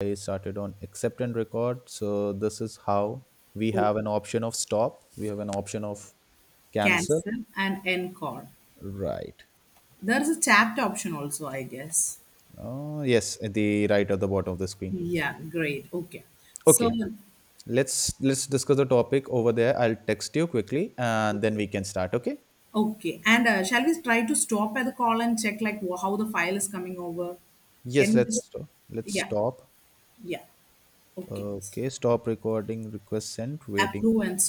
I started on accept and record. So this is how we Oh, have an option of stop. We have an option of cancel. cancel and encore. Right. There is a chat option also, I guess. Oh yes, at the right at the bottom of the screen. Yeah, great. Okay. So, Okay. Let's discuss the topic over there. I'll text you quickly and then we can start. Okay. okay. And shall we try to stop at the call and check, like, how the file is coming over? Can Yes. we just, Let's let's yeah, stop. yeah. Okay. Okay. Stop recording. Request sent. Waiting Approve and